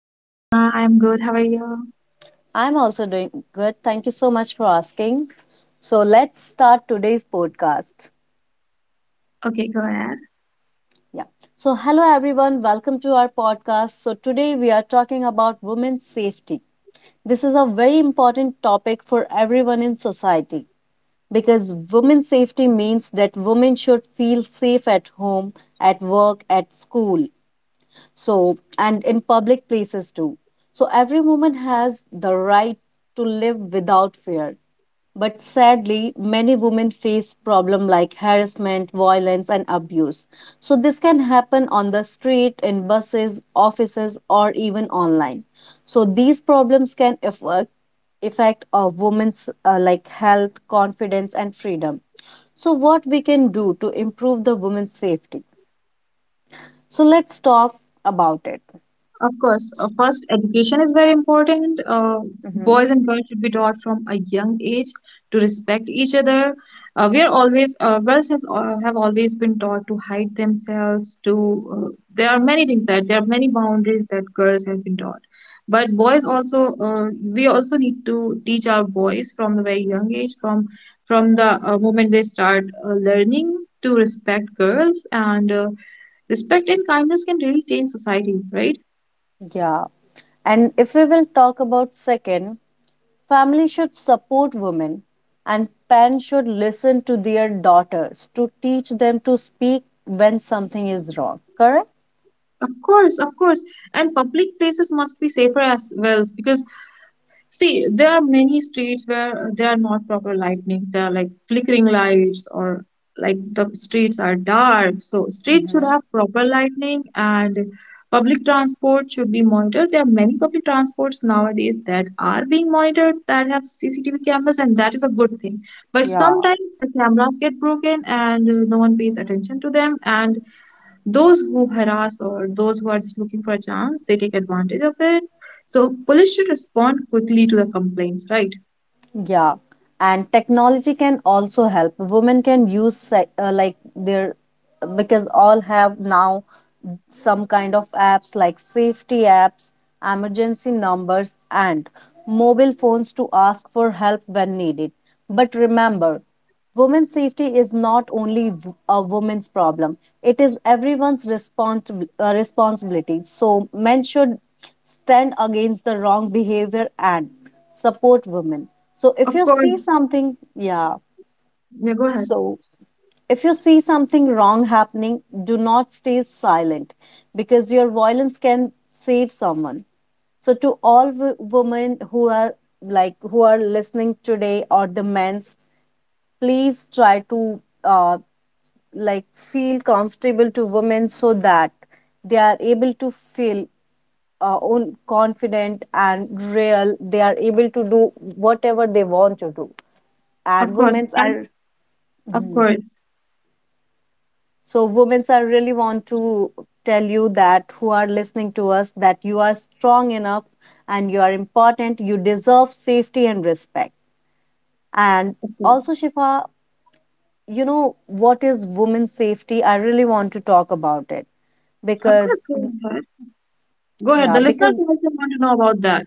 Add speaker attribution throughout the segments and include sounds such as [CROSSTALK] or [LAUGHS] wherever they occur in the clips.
Speaker 1: Hi Sona, I'm good. How are you?
Speaker 2: I'm also doing good. Thank you so much for asking. Let's start today's podcast.
Speaker 1: Okay, go ahead.
Speaker 2: Yeah. So hello everyone, welcome to our podcast. So today we are talking about women's safety. This is a very important topic for everyone in society because women's safety means that women should feel safe at home, at work, at school, and in public places too. So, every woman has the right to live without fear. But sadly, many women face problems like harassment, violence, and abuse. So, this can happen on the street, in buses, offices, or even online. So, these problems can affect a woman's like health, confidence, and freedom. So, what we can do to improve the women's safety? So, let's talk about it.
Speaker 1: Of course, first, education is very important. Boys
Speaker 2: Hmm
Speaker 1: and girls should be taught from a young age to respect each other. We are always, girls has, have always been taught to hide themselves, uh, there are many things there are many boundaries that girls have been taught. But boys also, we also need to teach our boys from the very young age, from the moment they start learning to respect girls and respect and kindness can really change society, right?
Speaker 2: Yeah. And if we will talk about second, family should support women and parents should listen to their daughters to teach them to speak when something is wrong. Correct?
Speaker 1: Of course, of course. And public places must be safer as well because see, there are many streets where there are not proper lighting. There are like flickering lights or like the streets are dark. So streets should
Speaker 2: Hmm
Speaker 1: have proper lighting and public transport should be monitored. There are many public transports nowadays that are being monitored that have CCTV cameras, and that is a good thing. But
Speaker 2: Yeah.
Speaker 1: sometimes the cameras get broken and no one pays attention to them, and those who harass or those who are just looking for a chance they take advantage of it, so police should respond quickly to the complaints, right?
Speaker 2: Yeah, and technology can also help. Women can use like their, because all have now some kind of apps like safety apps, emergency numbers, and mobile phones to ask for help when needed. But remember, women's safety is not only a woman's problem, it is everyone's responsibility. So, men should stand against the wrong behavior and support women. So if
Speaker 1: Of
Speaker 2: you see
Speaker 1: course.
Speaker 2: something, yeah.
Speaker 1: Yeah, go ahead.
Speaker 2: So if you see something wrong happening, do not stay silent because your violence can save someone. So to all women who are like who are listening today or the men's, please try to like feel comfortable to women so that they are able to feel own confident and real. They are able to do whatever they want to do
Speaker 1: Of
Speaker 2: and
Speaker 1: course.
Speaker 2: women's
Speaker 1: And
Speaker 2: are.
Speaker 1: of
Speaker 2: Mhm.
Speaker 1: course,
Speaker 2: So women's are really want to tell you that who are listening to us that you are strong enough and you are important. You deserve safety and respect. And
Speaker 1: of
Speaker 2: also
Speaker 1: course,
Speaker 2: Shifa, you know what is women's safety, I really want to talk about it
Speaker 1: of
Speaker 2: because,
Speaker 1: course. Go ahead, go ahead,
Speaker 2: yeah,
Speaker 1: the listeners
Speaker 2: because,
Speaker 1: also want to know about that.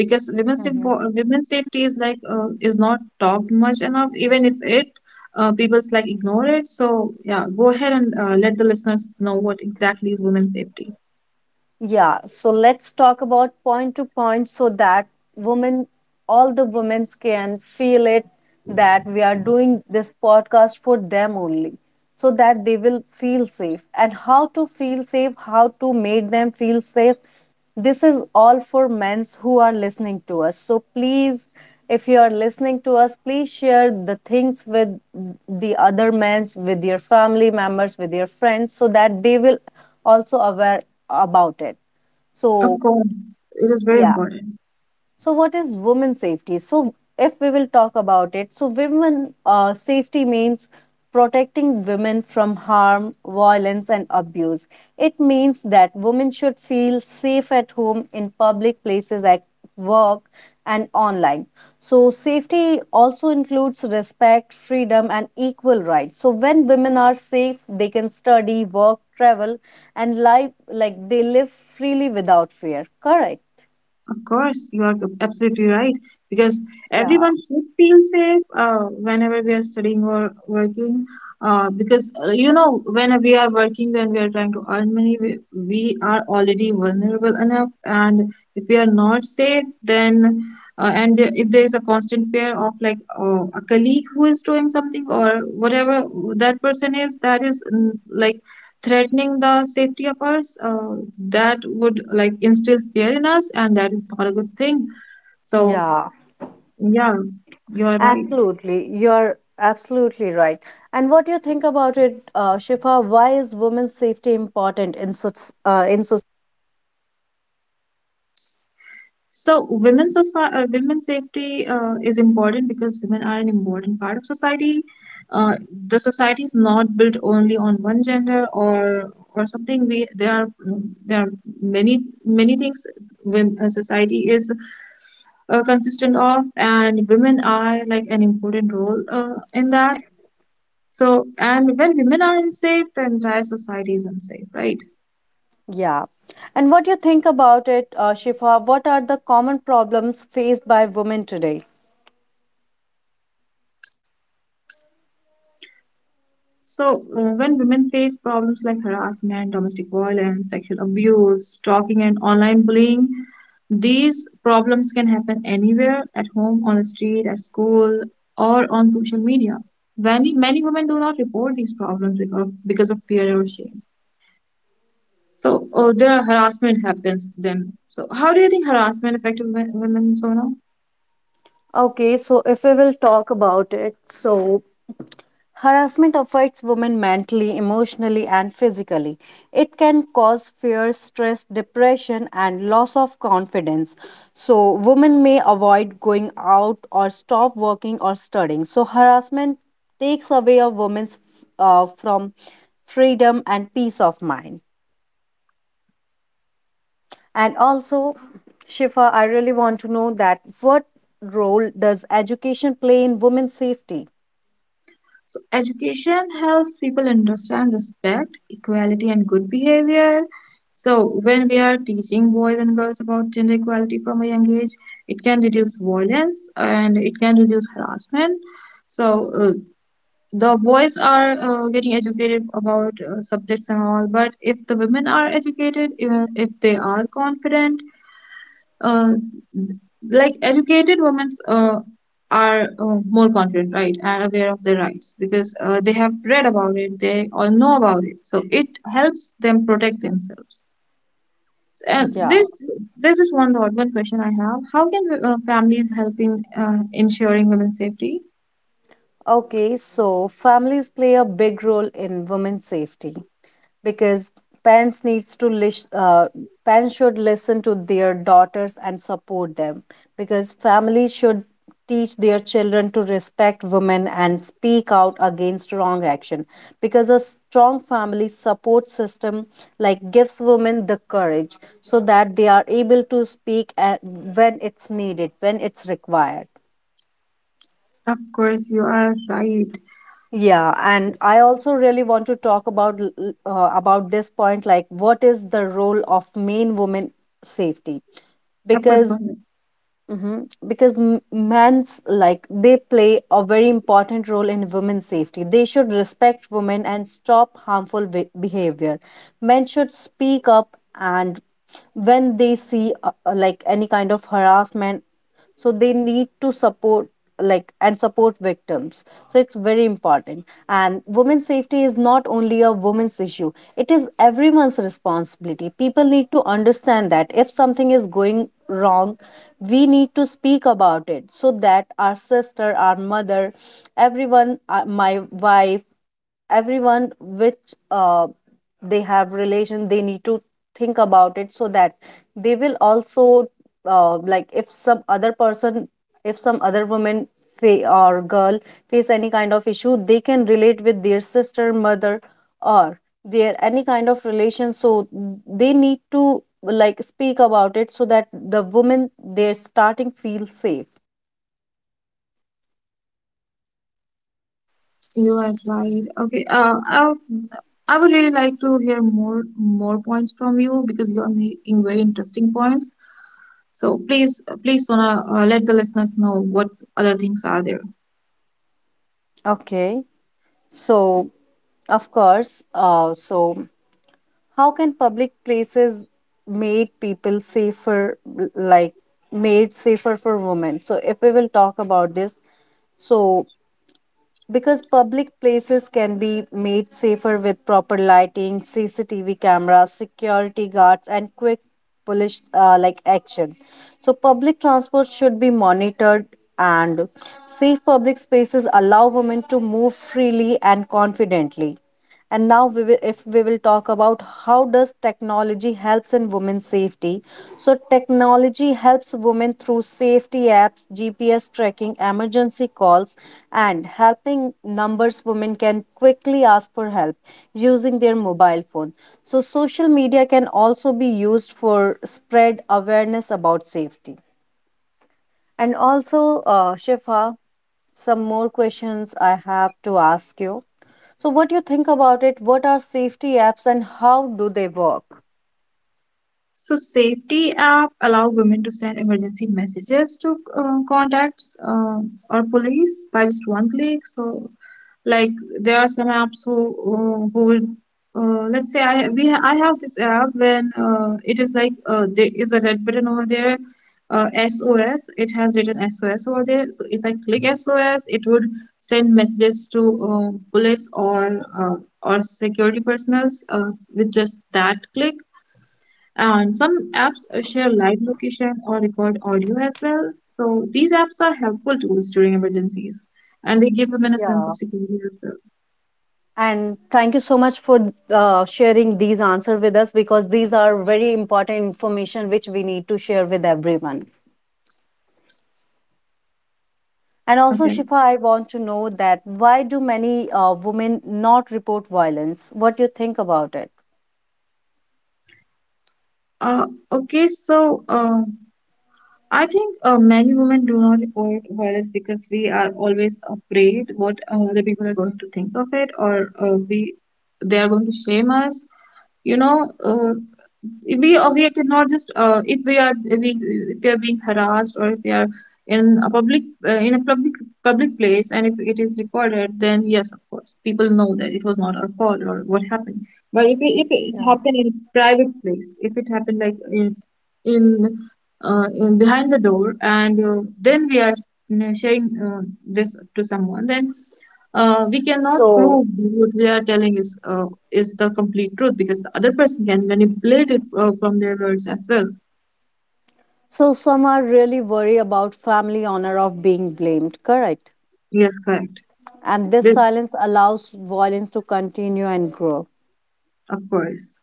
Speaker 1: Because
Speaker 2: mm-hmm.
Speaker 1: women's safety is like, is not talked much enough, even if it people's like ignore it, so yeah, go ahead and let the listeners know what exactly is women's safety.
Speaker 2: Yeah, so let's talk about point to point so that women, all the women can feel it that we are doing this podcast for them only so that they will feel safe and how to feel safe, how to make them feel safe. This is all for men's who are listening to us, so please, if you are listening to us, please share the things with the other men's, with your family members, with your friends, so that they will also aware about it.
Speaker 1: Of
Speaker 2: So
Speaker 1: course, it is very
Speaker 2: yeah,
Speaker 1: important.
Speaker 2: so what is women safety? So, if we will talk about it, so women safety means protecting women from harm, violence, and abuse. It means that women should feel safe at home, in public places, at work, and online. So, safety also includes respect, freedom, and equal rights. So, when women are safe, they can study, work, travel, and live like they live freely without fear. Correct.
Speaker 1: Of course, you are absolutely right, because
Speaker 2: Yeah,
Speaker 1: everyone should feel safe whenever we are studying or working. Because you know, when we are working, when we are trying to earn money, we are already vulnerable enough. And if we are not safe, then and if there is a constant fear of like a colleague who is doing something or whatever that person is, that is like threatening the safety of ours, that would like instill fear in us, and that is not a good thing, so
Speaker 2: Yeah,
Speaker 1: yeah, you're right.
Speaker 2: absolutely. You're absolutely right. And what do you think about it, Shifa? Why is women's safety important in such in so,
Speaker 1: So women's safety is important because women are an important part of society. uh, the society is not built only on one gender or something. We there are there are many many things society is consistent of, and women are like an important role in that. So, and when women are unsafe, the entire society is unsafe, right?
Speaker 2: yeah? And what do you think about it, Shifa? What are the common problems faced by women today?
Speaker 1: So, when women face problems like harassment, domestic violence, sexual abuse, stalking, and online bullying, these problems can happen anywhere, at home, on the street, at school, or on social media. Many women do not report these problems because of fear or shame. So, their harassment happens then. So, how do you think harassment affects women, Sona?
Speaker 2: Okay, so if we will talk about it, so harassment affects women mentally, emotionally, and physically. It can cause fear, stress, depression, and loss of confidence. So, women may avoid going out or stop working or studying. So, harassment takes away a woman's from freedom and peace of mind. And also, Shifa, I really want to know that what role does education play in women's safety?
Speaker 1: So education helps people understand respect, equality, and good behavior. So when we are teaching boys and girls about gender equality from a young age, it can reduce violence and it can reduce harassment. So the boys are getting educated about subjects and all, but if the women are educated, even if they are confident, uh, like educated women are more confident, right, and aware of their rights, because they have read about it, they all know about it, so it helps them protect themselves. And
Speaker 2: Yeah.
Speaker 1: this is one thought, one question I have: how can families help in ensuring women's safety?
Speaker 2: Okay, so families play a big role in women's safety because parents needs to lis- uh, parents should listen to their daughters and support them, because families should teach their children to respect women and speak out against wrong action, because a strong family support system like gives women the courage so that they are able to speak when it's needed, when it's required.
Speaker 1: Of course, you are right.
Speaker 2: Yeah, and I also really want to talk about about this point, like what is the role of main women safety?
Speaker 1: Of course, go
Speaker 2: Because,
Speaker 1: ahead.
Speaker 2: mhm, because men's like they play a very important role in women's safety. They should respect women and stop behavior. Men should speak up and when they see like any kind of harassment, so they need to support like and support victims. So it's very important, and women's safety is not only a women's issue, it is everyone's responsibility. People need to understand that if something is going wrong, we need to speak about it so that our sister, our mother, everyone, my wife, everyone which they have relation, they need to think about it, so that they will also like if some other person, if some other woman, or girl face any kind of issue, they can relate with their sister, mother, or their any kind of relation, so they need to like speak about it so that the woman they're starting feel safe.
Speaker 1: You are right. Okay, I would really like to hear more points from you, because you are making very interesting points. So please, please, Sona, let the listeners know what other things are there.
Speaker 2: Okay. So, of course, so how can public places made people safer, like made safer for women? So if we will talk about this, so because public places can be made safer with proper lighting, CCTV cameras, security guards, and quick police like action. So public transport should be monitored, and safe public spaces allow women to move freely and confidently. And now we will, if we will talk about how does technology helps in women's safety, so technology helps women through safety apps, GPS tracking, emergency calls, and helping numbers. Women can quickly ask for help using their mobile phone. So social media can also be used for spread awareness about safety. And also, Shifa, some more questions I have to ask you. So, what do you think about it? What are safety apps and how do they work?
Speaker 1: So safety app allow women to send emergency messages to contacts or police by just one click. So like there are some apps who will, let's say I have this app when it is like there is a red button over there, SOS. It has written SOS over there. So if I click SOS, it would send messages to police or security personnels with just that click. And some apps share live location or record audio as well. So these apps are helpful tools during emergencies, and they give women a sense of
Speaker 2: Yeah.
Speaker 1: security as well.
Speaker 2: And thank you so much for sharing these answers with us, because these are very important information which we need to share with everyone. And also,
Speaker 1: Okay.
Speaker 2: Shifa, I want to know that why do many women not report violence? What do you think about it?
Speaker 1: Uh, okay, so uh, I think many women do not report violence because we are always afraid what other people are going to think of it, or we they are going to shame us. You know, we cannot just if we are being if we are being harassed, or if we are in a public uh, in a public public place, and if it is recorded, then yes, of course people know that it was not our fault or what happened. But if it happened in a private place, if it happened like in, in behind the door, and then we are, you know, sharing this to someone, then we cannot
Speaker 2: So,
Speaker 1: prove that what we are telling is the complete truth, because the other person can manipulate it from their words as well.
Speaker 2: so some are really worried about family honor of being blamed, correct?
Speaker 1: Yes, correct.
Speaker 2: And this
Speaker 1: Li-
Speaker 2: silence allows violence to continue and grow.
Speaker 1: Of course.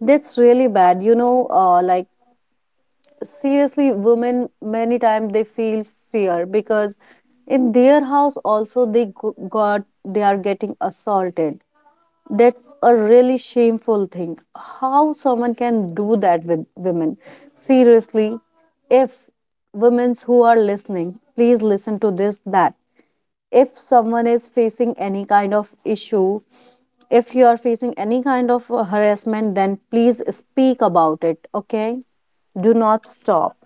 Speaker 2: That's really bad. You know, like seriously, women many times they feel fear because in their house also they got they are getting assaulted. That's a really shameful thing. How someone can do that with women? Seriously, if women who are listening, please listen to this that if someone is facing any kind of issue, if you are facing any kind of harassment, then please speak about it, okay? Do not stop.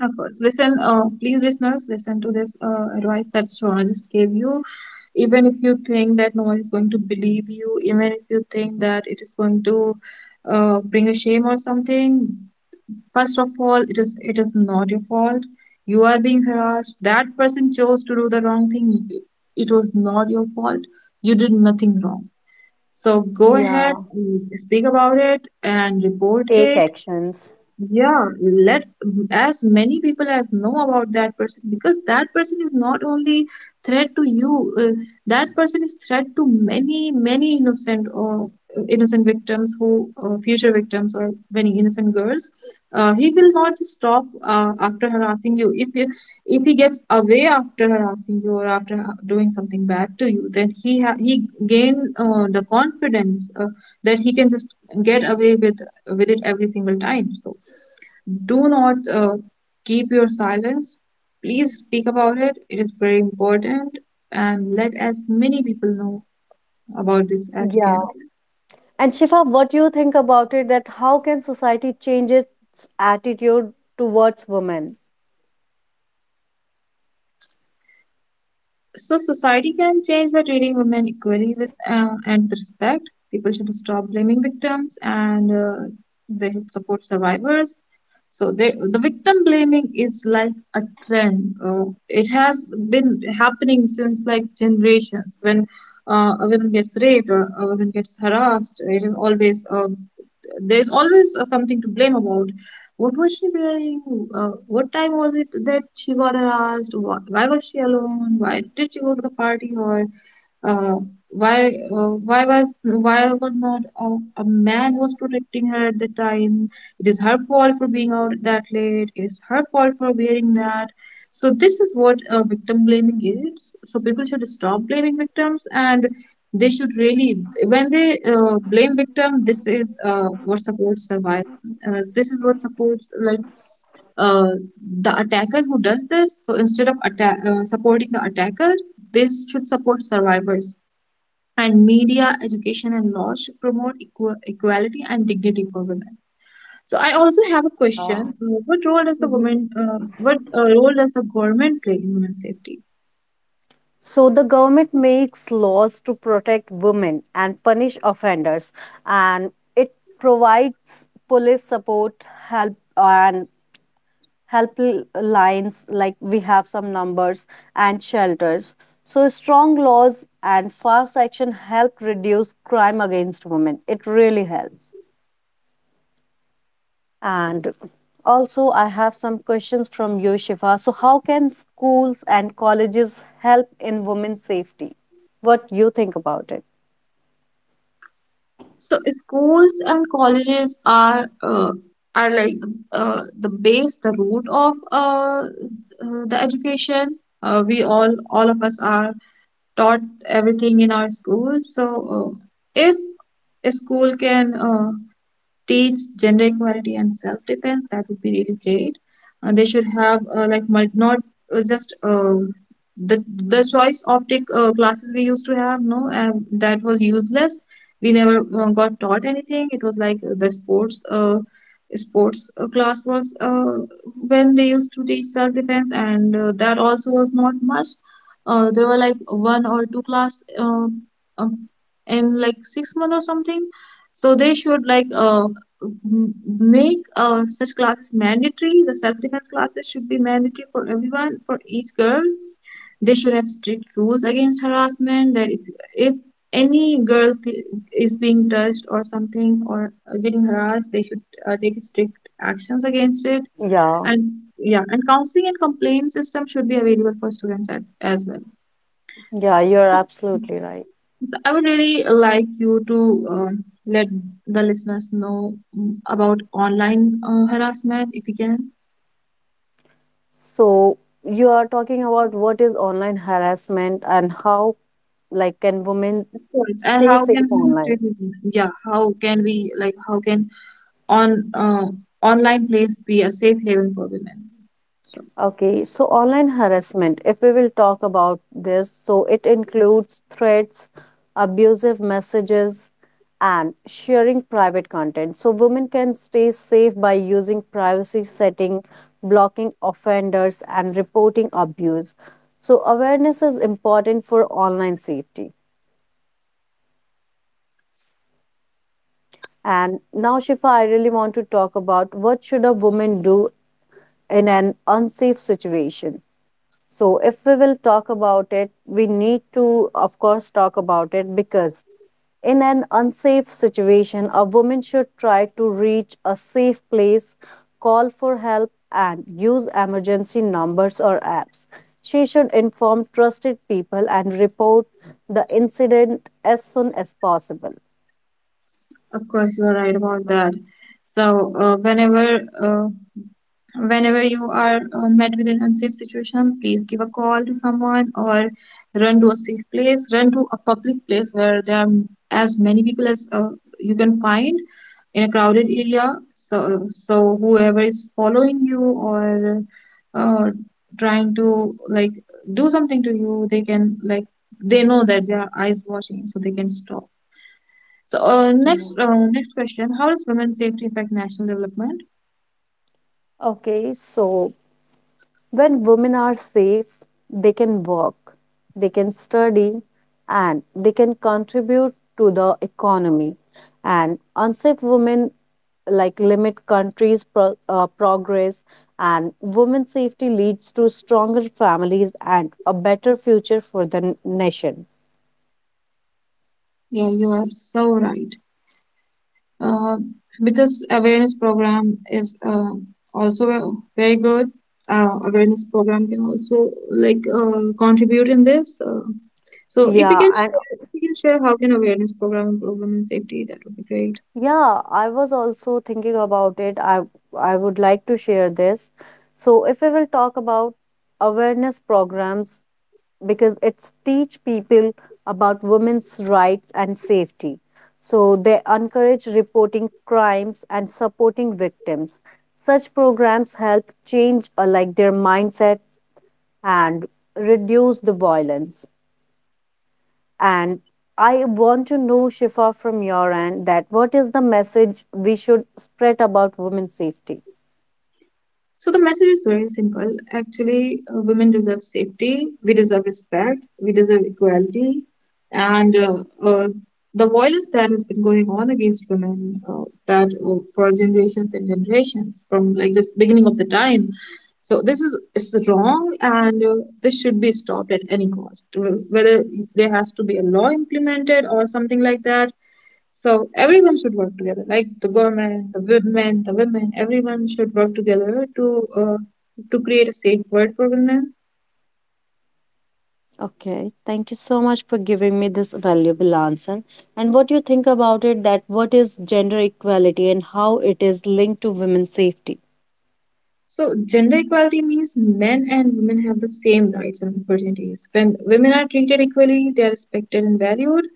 Speaker 1: Of course. Listen, please, listeners, listen to this advice that Shona just gave you. Even if you think that no one is going to believe you, even if you think that it is going to bring a shame or something, first of all, it is not your fault. You are being harassed. That person chose to do the wrong thing. It was not your fault. You did nothing wrong. So go ahead,
Speaker 2: Yeah,
Speaker 1: and speak about it, and report
Speaker 2: take
Speaker 1: it.
Speaker 2: actions.
Speaker 1: Yeah, let as many people as know about that person, because that person is not only threat to you, that person is threat to many innocent or innocent victims who future victims or many innocent girls. He will not stop after harassing you. If he gets away after harassing you or after doing something bad to you, then he gain the confidence that he can just get away with it every single time. So do not keep your silence. Please speak about it. It is very important. And let as many people know about this as you
Speaker 2: Yeah,
Speaker 1: can. Okay?
Speaker 2: and Shifa, what do you think about it, that how can society change its attitude towards women?
Speaker 1: So society can change by treating women equally with and with respect. People should stop blaming victims, and they should support survivors. So they, the victim blaming is like a trend. It has been happening since like generations. When a woman gets raped or a woman gets harassed, it is always there is always something to blame about. What was she wearing? What time was it that she got harassed? Why was she alone? Why did she go to the party? Or uh, why why was not a, a man was protecting her at the time? It is her fault for being out that late, it is her fault for wearing that. So this is what victim blaming is. So people should stop blaming victims, and they should really when they blame victim, this is what supports survive this is what supports like uh, the attacker who does this. So instead of supporting the attacker, this should support survivors. And media, education, and law should promote equality and dignity for women. So I also have a question:
Speaker 2: Yeah.
Speaker 1: what role does the women, what role does the government play in women's safety?
Speaker 2: So the government makes laws to protect women and punish offenders, and it provides police support, help, and helplines like we have some numbers and shelters. So strong laws and fast action help reduce crime against women. It really helps. And also, I have some questions from you, Shifa. So, how can schools and colleges help in women's safety? What you think about it?
Speaker 1: So schools and colleges are like the base, the root of the education. We all of us are taught everything in our schools. So uh, if a school can teach gender equality and self-defense, that would be really great. They should have like not just the choice optic classes we used to have. No, that was useless. We never got taught anything. It was like the sports class was when they used to teach self-defense, and that also was not much. There were like one or two class um, um, in like 6 months or something. So they should like m- make such classes mandatory. The self-defense classes should be mandatory for everyone, for each girl. They should have strict rules against harassment. That if if any girl is being touched or something or getting harassed, they should take strict actions against it.
Speaker 2: Yeah,
Speaker 1: And yeah, and counseling and complaint system should be available for students at, as well.
Speaker 2: yeah, you're absolutely right.
Speaker 1: So I would really like you to let the listeners know about online harassment if you can.
Speaker 2: So, you are talking about what is online harassment and how, like, can women
Speaker 1: Of course. And
Speaker 2: stay
Speaker 1: how
Speaker 2: safe
Speaker 1: can we
Speaker 2: online?
Speaker 1: restrict it? Yeah, how can we like how can on online place be a safe haven for women? So
Speaker 2: Okay, so online harassment, if we will talk about this, so it includes threats, abusive messages, and sharing private content. So women can stay safe by using privacy setting, blocking offenders, and reporting abuse. So awareness is important for online safety. And now, Shifa, I really want to talk about what should a woman do in an unsafe situation. So, if we will talk about it, we need to, of course, talk about it, because in an unsafe situation, a woman should try to reach a safe place, call for help, and use emergency numbers or apps. She should inform trusted people and report the incident as soon as possible.
Speaker 1: of course you are right about that. So whenever
Speaker 2: Yeah.
Speaker 1: uh, whenever you are met with an unsafe situation, please give a call to someone or run to a safe place, run to a public place where there are as many people as you can find in a crowded area. So, so whoever is following you or uh, trying to like do something to you, they can like they know that their eyes watching, so they can stop. So
Speaker 2: Yeah.
Speaker 1: next question: how does women's safety affect national development?
Speaker 2: Okay, so when women are safe, they can work, they can study, and they can contribute to the economy. And unsafe women like limit countries' progress, and women's safety leads to stronger families and a better future for the nation.
Speaker 1: Yeah, you are so right. Uh, because awareness program is also very good. Awareness program can also like contribute in this. So if you
Speaker 2: Yeah,
Speaker 1: can
Speaker 2: and
Speaker 1: share, if you can share how can awareness program improve women's safety, that would be great.
Speaker 2: yeah, I was also thinking about it. I would like to share this. So if we will talk about awareness programs, because it's teach people about women's rights and safety. So they encourage reporting crimes and supporting victims. Such programs help change like their mindsets and reduce the violence. And I want to know, Shifa, from your end, that what is the message we should spread about women's safety?
Speaker 1: So the message is very simple. Actually, women deserve safety. We deserve respect. We deserve equality. And the violence that has been going on against women, that for generations and generations, from like this beginning of the time. So this is wrong, and this should be stopped at any cost. Whether there has to be a law implemented or something like that, so everyone should work together, like the government, the women, the women. Everyone should work together uh, to create a safe world for women.
Speaker 2: Okay, thank you so much for giving me this valuable answer. And what you think about it, that what is gender equality and how it is linked to women's safety?
Speaker 1: So gender equality means men and women have the same rights and opportunities. When women are treated equally, they are respected and valued,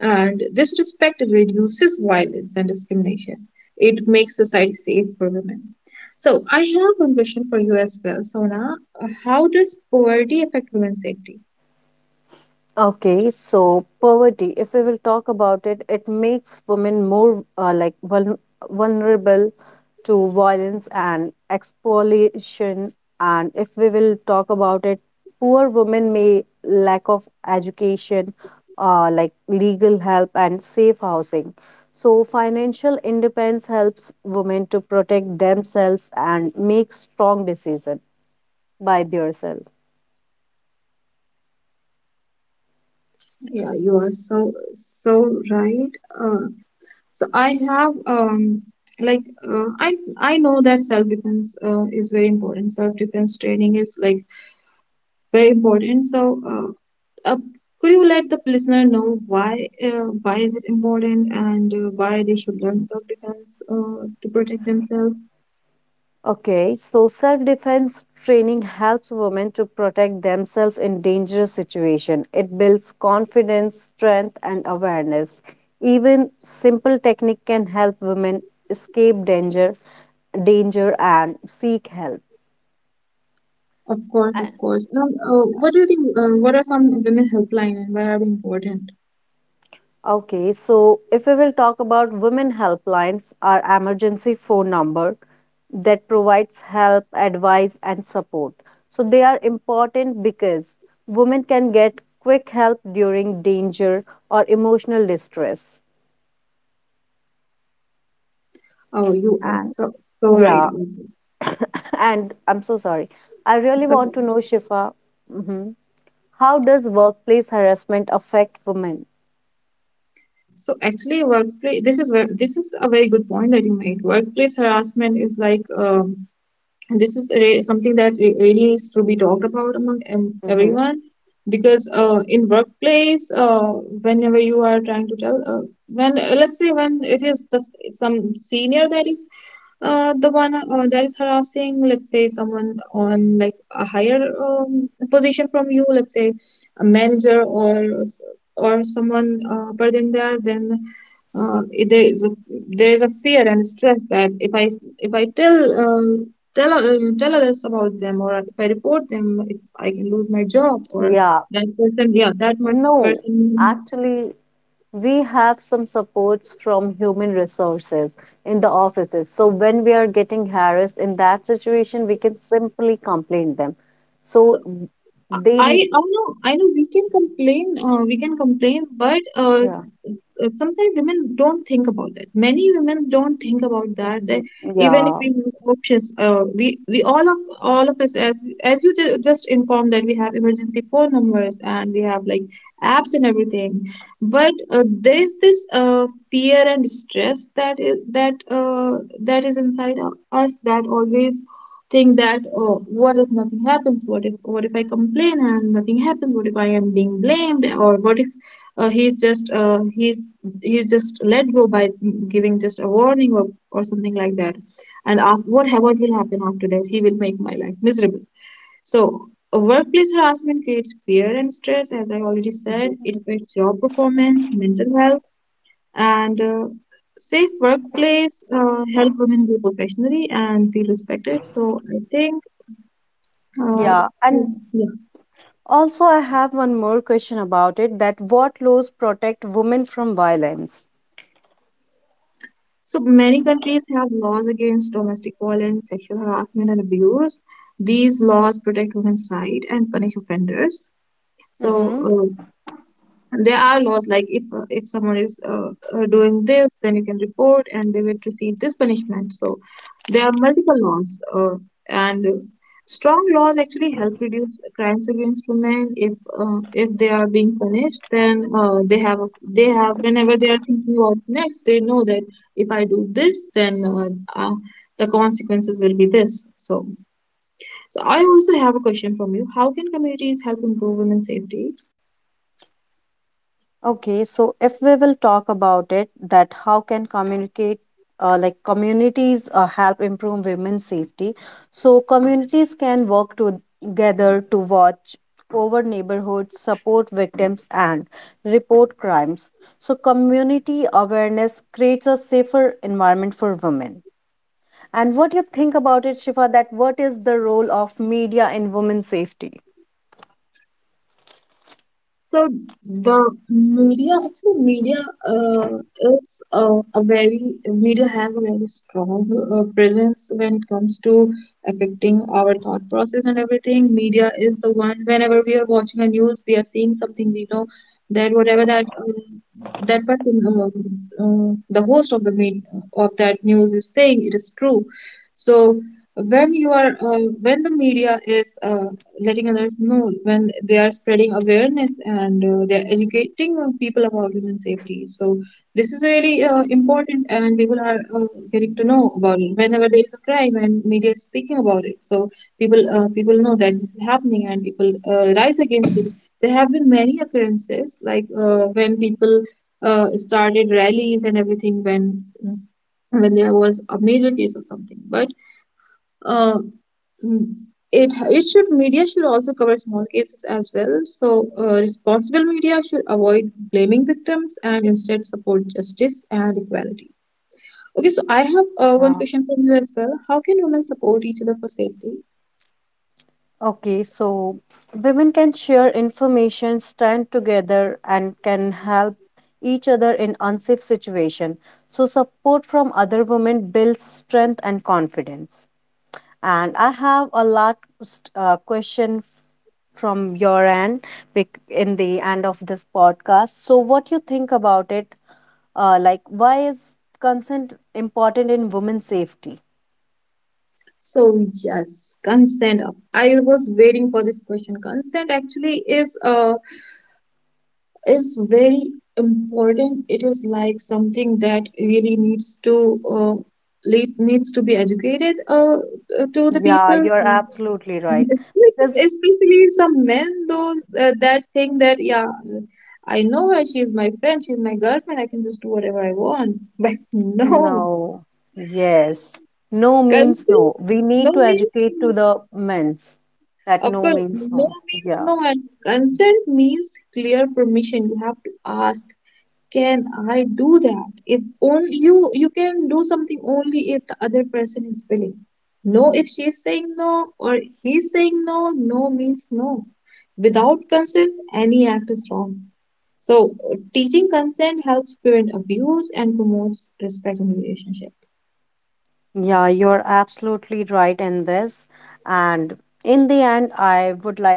Speaker 1: and this respect reduces violence and discrimination. It makes society safe for women. So I have one question for you as well, Sona. How does poverty affect women's safety?
Speaker 2: Okay, so poverty, if we will talk about it, it makes women more like vulnerable to violence and exploitation, and if we will talk about it, poor women may lack of education, like legal help and safe housing. So financial independence helps women to protect themselves and make strong decision by theirself.
Speaker 1: Yeah, you are so right. Uh, so I have like I know that self defense is very important. Self defense training is like very important. So uh, could you let the listener know why is it important and why they should learn self defense to protect themselves?
Speaker 2: Okay, so self defense training helps women to protect themselves in dangerous situations. It builds confidence, strength, and awareness. Even simple technique can help women escape danger, and seek help.
Speaker 1: Of course, of course. Now, what do you think? What are some women helpline and why are they important?
Speaker 2: Okay, so if we will talk about women helplines, are emergency phone number that provides help, advice, and support. So they are important because women can get quick help during danger or emotional distress.
Speaker 1: Oh, you are
Speaker 2: And
Speaker 1: so right
Speaker 2: yeah,
Speaker 1: about it.
Speaker 2: [LAUGHS] and I'm so sorry. I really
Speaker 1: It's
Speaker 2: want
Speaker 1: okay.
Speaker 2: to know, Shifa, hmm, how does workplace harassment affect women?
Speaker 1: So actually, workplace. This is a very good point that you made. Workplace harassment is like something that really needs to be talked about among
Speaker 2: Hmm.
Speaker 1: everyone because in workplace whenever you are trying to tell when let's say when it is the, some senior that is the one that is harassing let's say someone on like a higher position from you let's say a manager or someone upper than that then uh, it- there is a, there is a fear and stress that if I tell tell others about them, or if I report them, if I can lose my job, or
Speaker 2: Yeah,
Speaker 1: that person, yeah, that must
Speaker 2: no,
Speaker 1: person.
Speaker 2: actually, we have some supports from human resources in the offices, so when we are getting harassed in that situation, we can simply complain them, so they
Speaker 1: I
Speaker 2: n-
Speaker 1: I know I know we can complain but
Speaker 2: yeah.
Speaker 1: sometimes women don't think about that. Many women don't think about that.
Speaker 2: Mhm.
Speaker 1: That even if
Speaker 2: Yeah,
Speaker 1: we have options, we all of us as you just informed that we have emergency phone numbers and we have like apps and everything. But there is this fear and stress that is that is inside us that always think that oh, what if nothing happens, what if I complain and nothing happens, what if I am being blamed or what if uh, he's just uh, he's he's just let go by giving just a warning or something like that, and what will happen after that he will make my life miserable. So a workplace harassment creates fear and stress, as I already said, it affects job performance, mental health, and safe workplace help women grow professionally and feel respected. So I think, uh,
Speaker 2: yeah, and
Speaker 1: yeah.
Speaker 2: also I have one more question about it, that what laws protect women from violence.
Speaker 1: So many countries have laws against domestic violence, sexual harassment, and abuse. These laws protect women's rights and punish offenders. So
Speaker 2: Hmm.
Speaker 1: there are laws like if someone is doing this then you can report and they will receive this punishment. So there are multiple laws, and strong laws actually help reduce crimes against women. If if they are being punished then they have a, they have whenever they are thinking about next they know that if I do this then uh, the consequences will be this. So so I also have a question from you: how can communities help improve women's safety?
Speaker 2: Okay, so if we will talk about it, that how can communicate, like communities help improve women's safety? So communities can work together to watch over neighborhoods, support victims, and report crimes. So community awareness creates a safer environment for women. And what you think about it, Shifa? That what is the role of media in women's safety?
Speaker 1: So the media, actually media uh, is a very, media has a very strong presence when it comes to affecting our thought process and everything. Media is the one, whenever we are watching a news, we are seeing something, we know that whatever that that person, the host of the main, of that news is saying, it is true. So when you are, when the media is letting others know, when they are spreading awareness and they are educating people about human safety. So this is really important, and people are getting to know about it whenever there is a crime and media is speaking about it. So people people know that this is happening, and people rise against it. There have been many occurrences like when people started rallies and everything when there was a major case of something, but uh, mm, it should media should also cover small cases as well. So responsible media should avoid blaming victims and instead support justice and equality. Okay, so I have one
Speaker 2: Yeah.
Speaker 1: question from you as well. How can women support each other for safety?
Speaker 2: Okay, so women can share information, stand together, and can help each other in unsafe situation. So support from other women builds strength and confidence. And I have a last question from your end, in the end of this podcast. So what you think about it? Like, why is consent important in women's safety?
Speaker 1: So yes, consent. I was waiting for this question. Consent actually
Speaker 2: Hmm.
Speaker 1: is very important. It is like something that really needs to late needs to be educated to the
Speaker 2: Yeah,
Speaker 1: people,
Speaker 2: you're absolutely right, because
Speaker 1: especially some men. Those that think that yeah, I know her. She's my friend. She's my girlfriend. I can just do whatever I want. [LAUGHS] But no,
Speaker 2: no. Yes. No means
Speaker 1: consent
Speaker 2: no. We
Speaker 1: no
Speaker 2: need to
Speaker 1: means
Speaker 2: educate to
Speaker 1: no.
Speaker 2: the men's that
Speaker 1: Of
Speaker 2: no
Speaker 1: course
Speaker 2: means
Speaker 1: no
Speaker 2: no.
Speaker 1: means
Speaker 2: Yeah.
Speaker 1: no, and consent means clear permission. You have to ask. Can I do that? If only you can do something only if the other person is willing. No, if she's saying no or he's saying no, no means no. Without consent, any act is wrong. So, teaching consent helps prevent abuse and promotes respect in relationship.
Speaker 2: Yeah, you're absolutely right in this. And in the end, I would like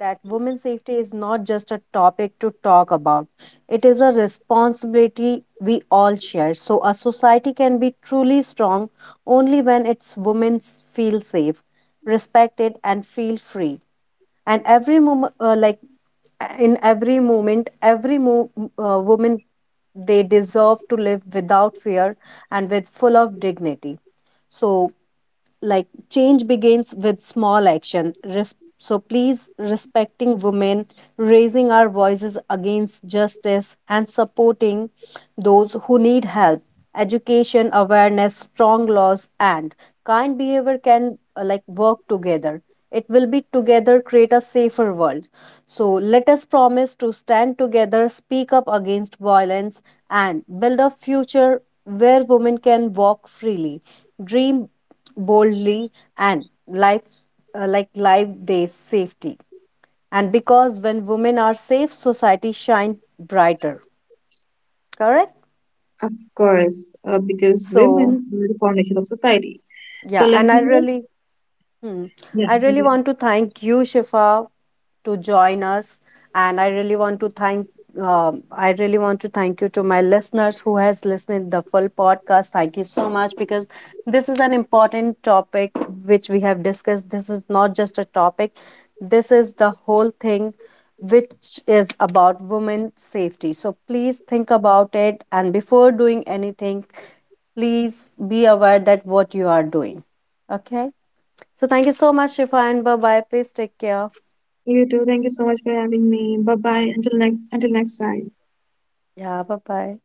Speaker 2: that women's safety is not just a topic to talk about. It is a responsibility we all share. So a society can be truly strong only when its women feel safe, respected, and feel free. And every moment like, in every moment every mo- woman, they deserve to live without fear and with full of dignity. So, like, change begins with small action. So please, respecting women, raising our voices against justice, and supporting those who need help, education, awareness, strong laws, and kind behavior can, like, work together. It will be together create a safer world. So let us promise to stand together, speak up against violence, and build a future where women can walk freely, dream boldly, and life, like, life they safety. And because when women are safe, society shine brighter. Correct.
Speaker 1: Of course, because
Speaker 2: So
Speaker 1: women are the foundation of society. So,
Speaker 2: yeah,
Speaker 1: let's
Speaker 2: and I
Speaker 1: move.
Speaker 2: really hmm.
Speaker 1: Yeah,
Speaker 2: I really
Speaker 1: okay.
Speaker 2: want to thank you, Shifa, to join us, and I really want to thank. I really want to thank you to my listeners who has listened the full podcast. Thank you so much, because this is an important topic which we have discussed. This is not just a topic. This is the whole thing which is about women safety. So please think about it, and before doing anything, please be aware that what you are doing. Okay? So thank you so much, Shifa, and bye bye. Please take care.
Speaker 1: You too. Thank you so much for having me. Bye bye. Until next time.
Speaker 2: Yeah, bye bye.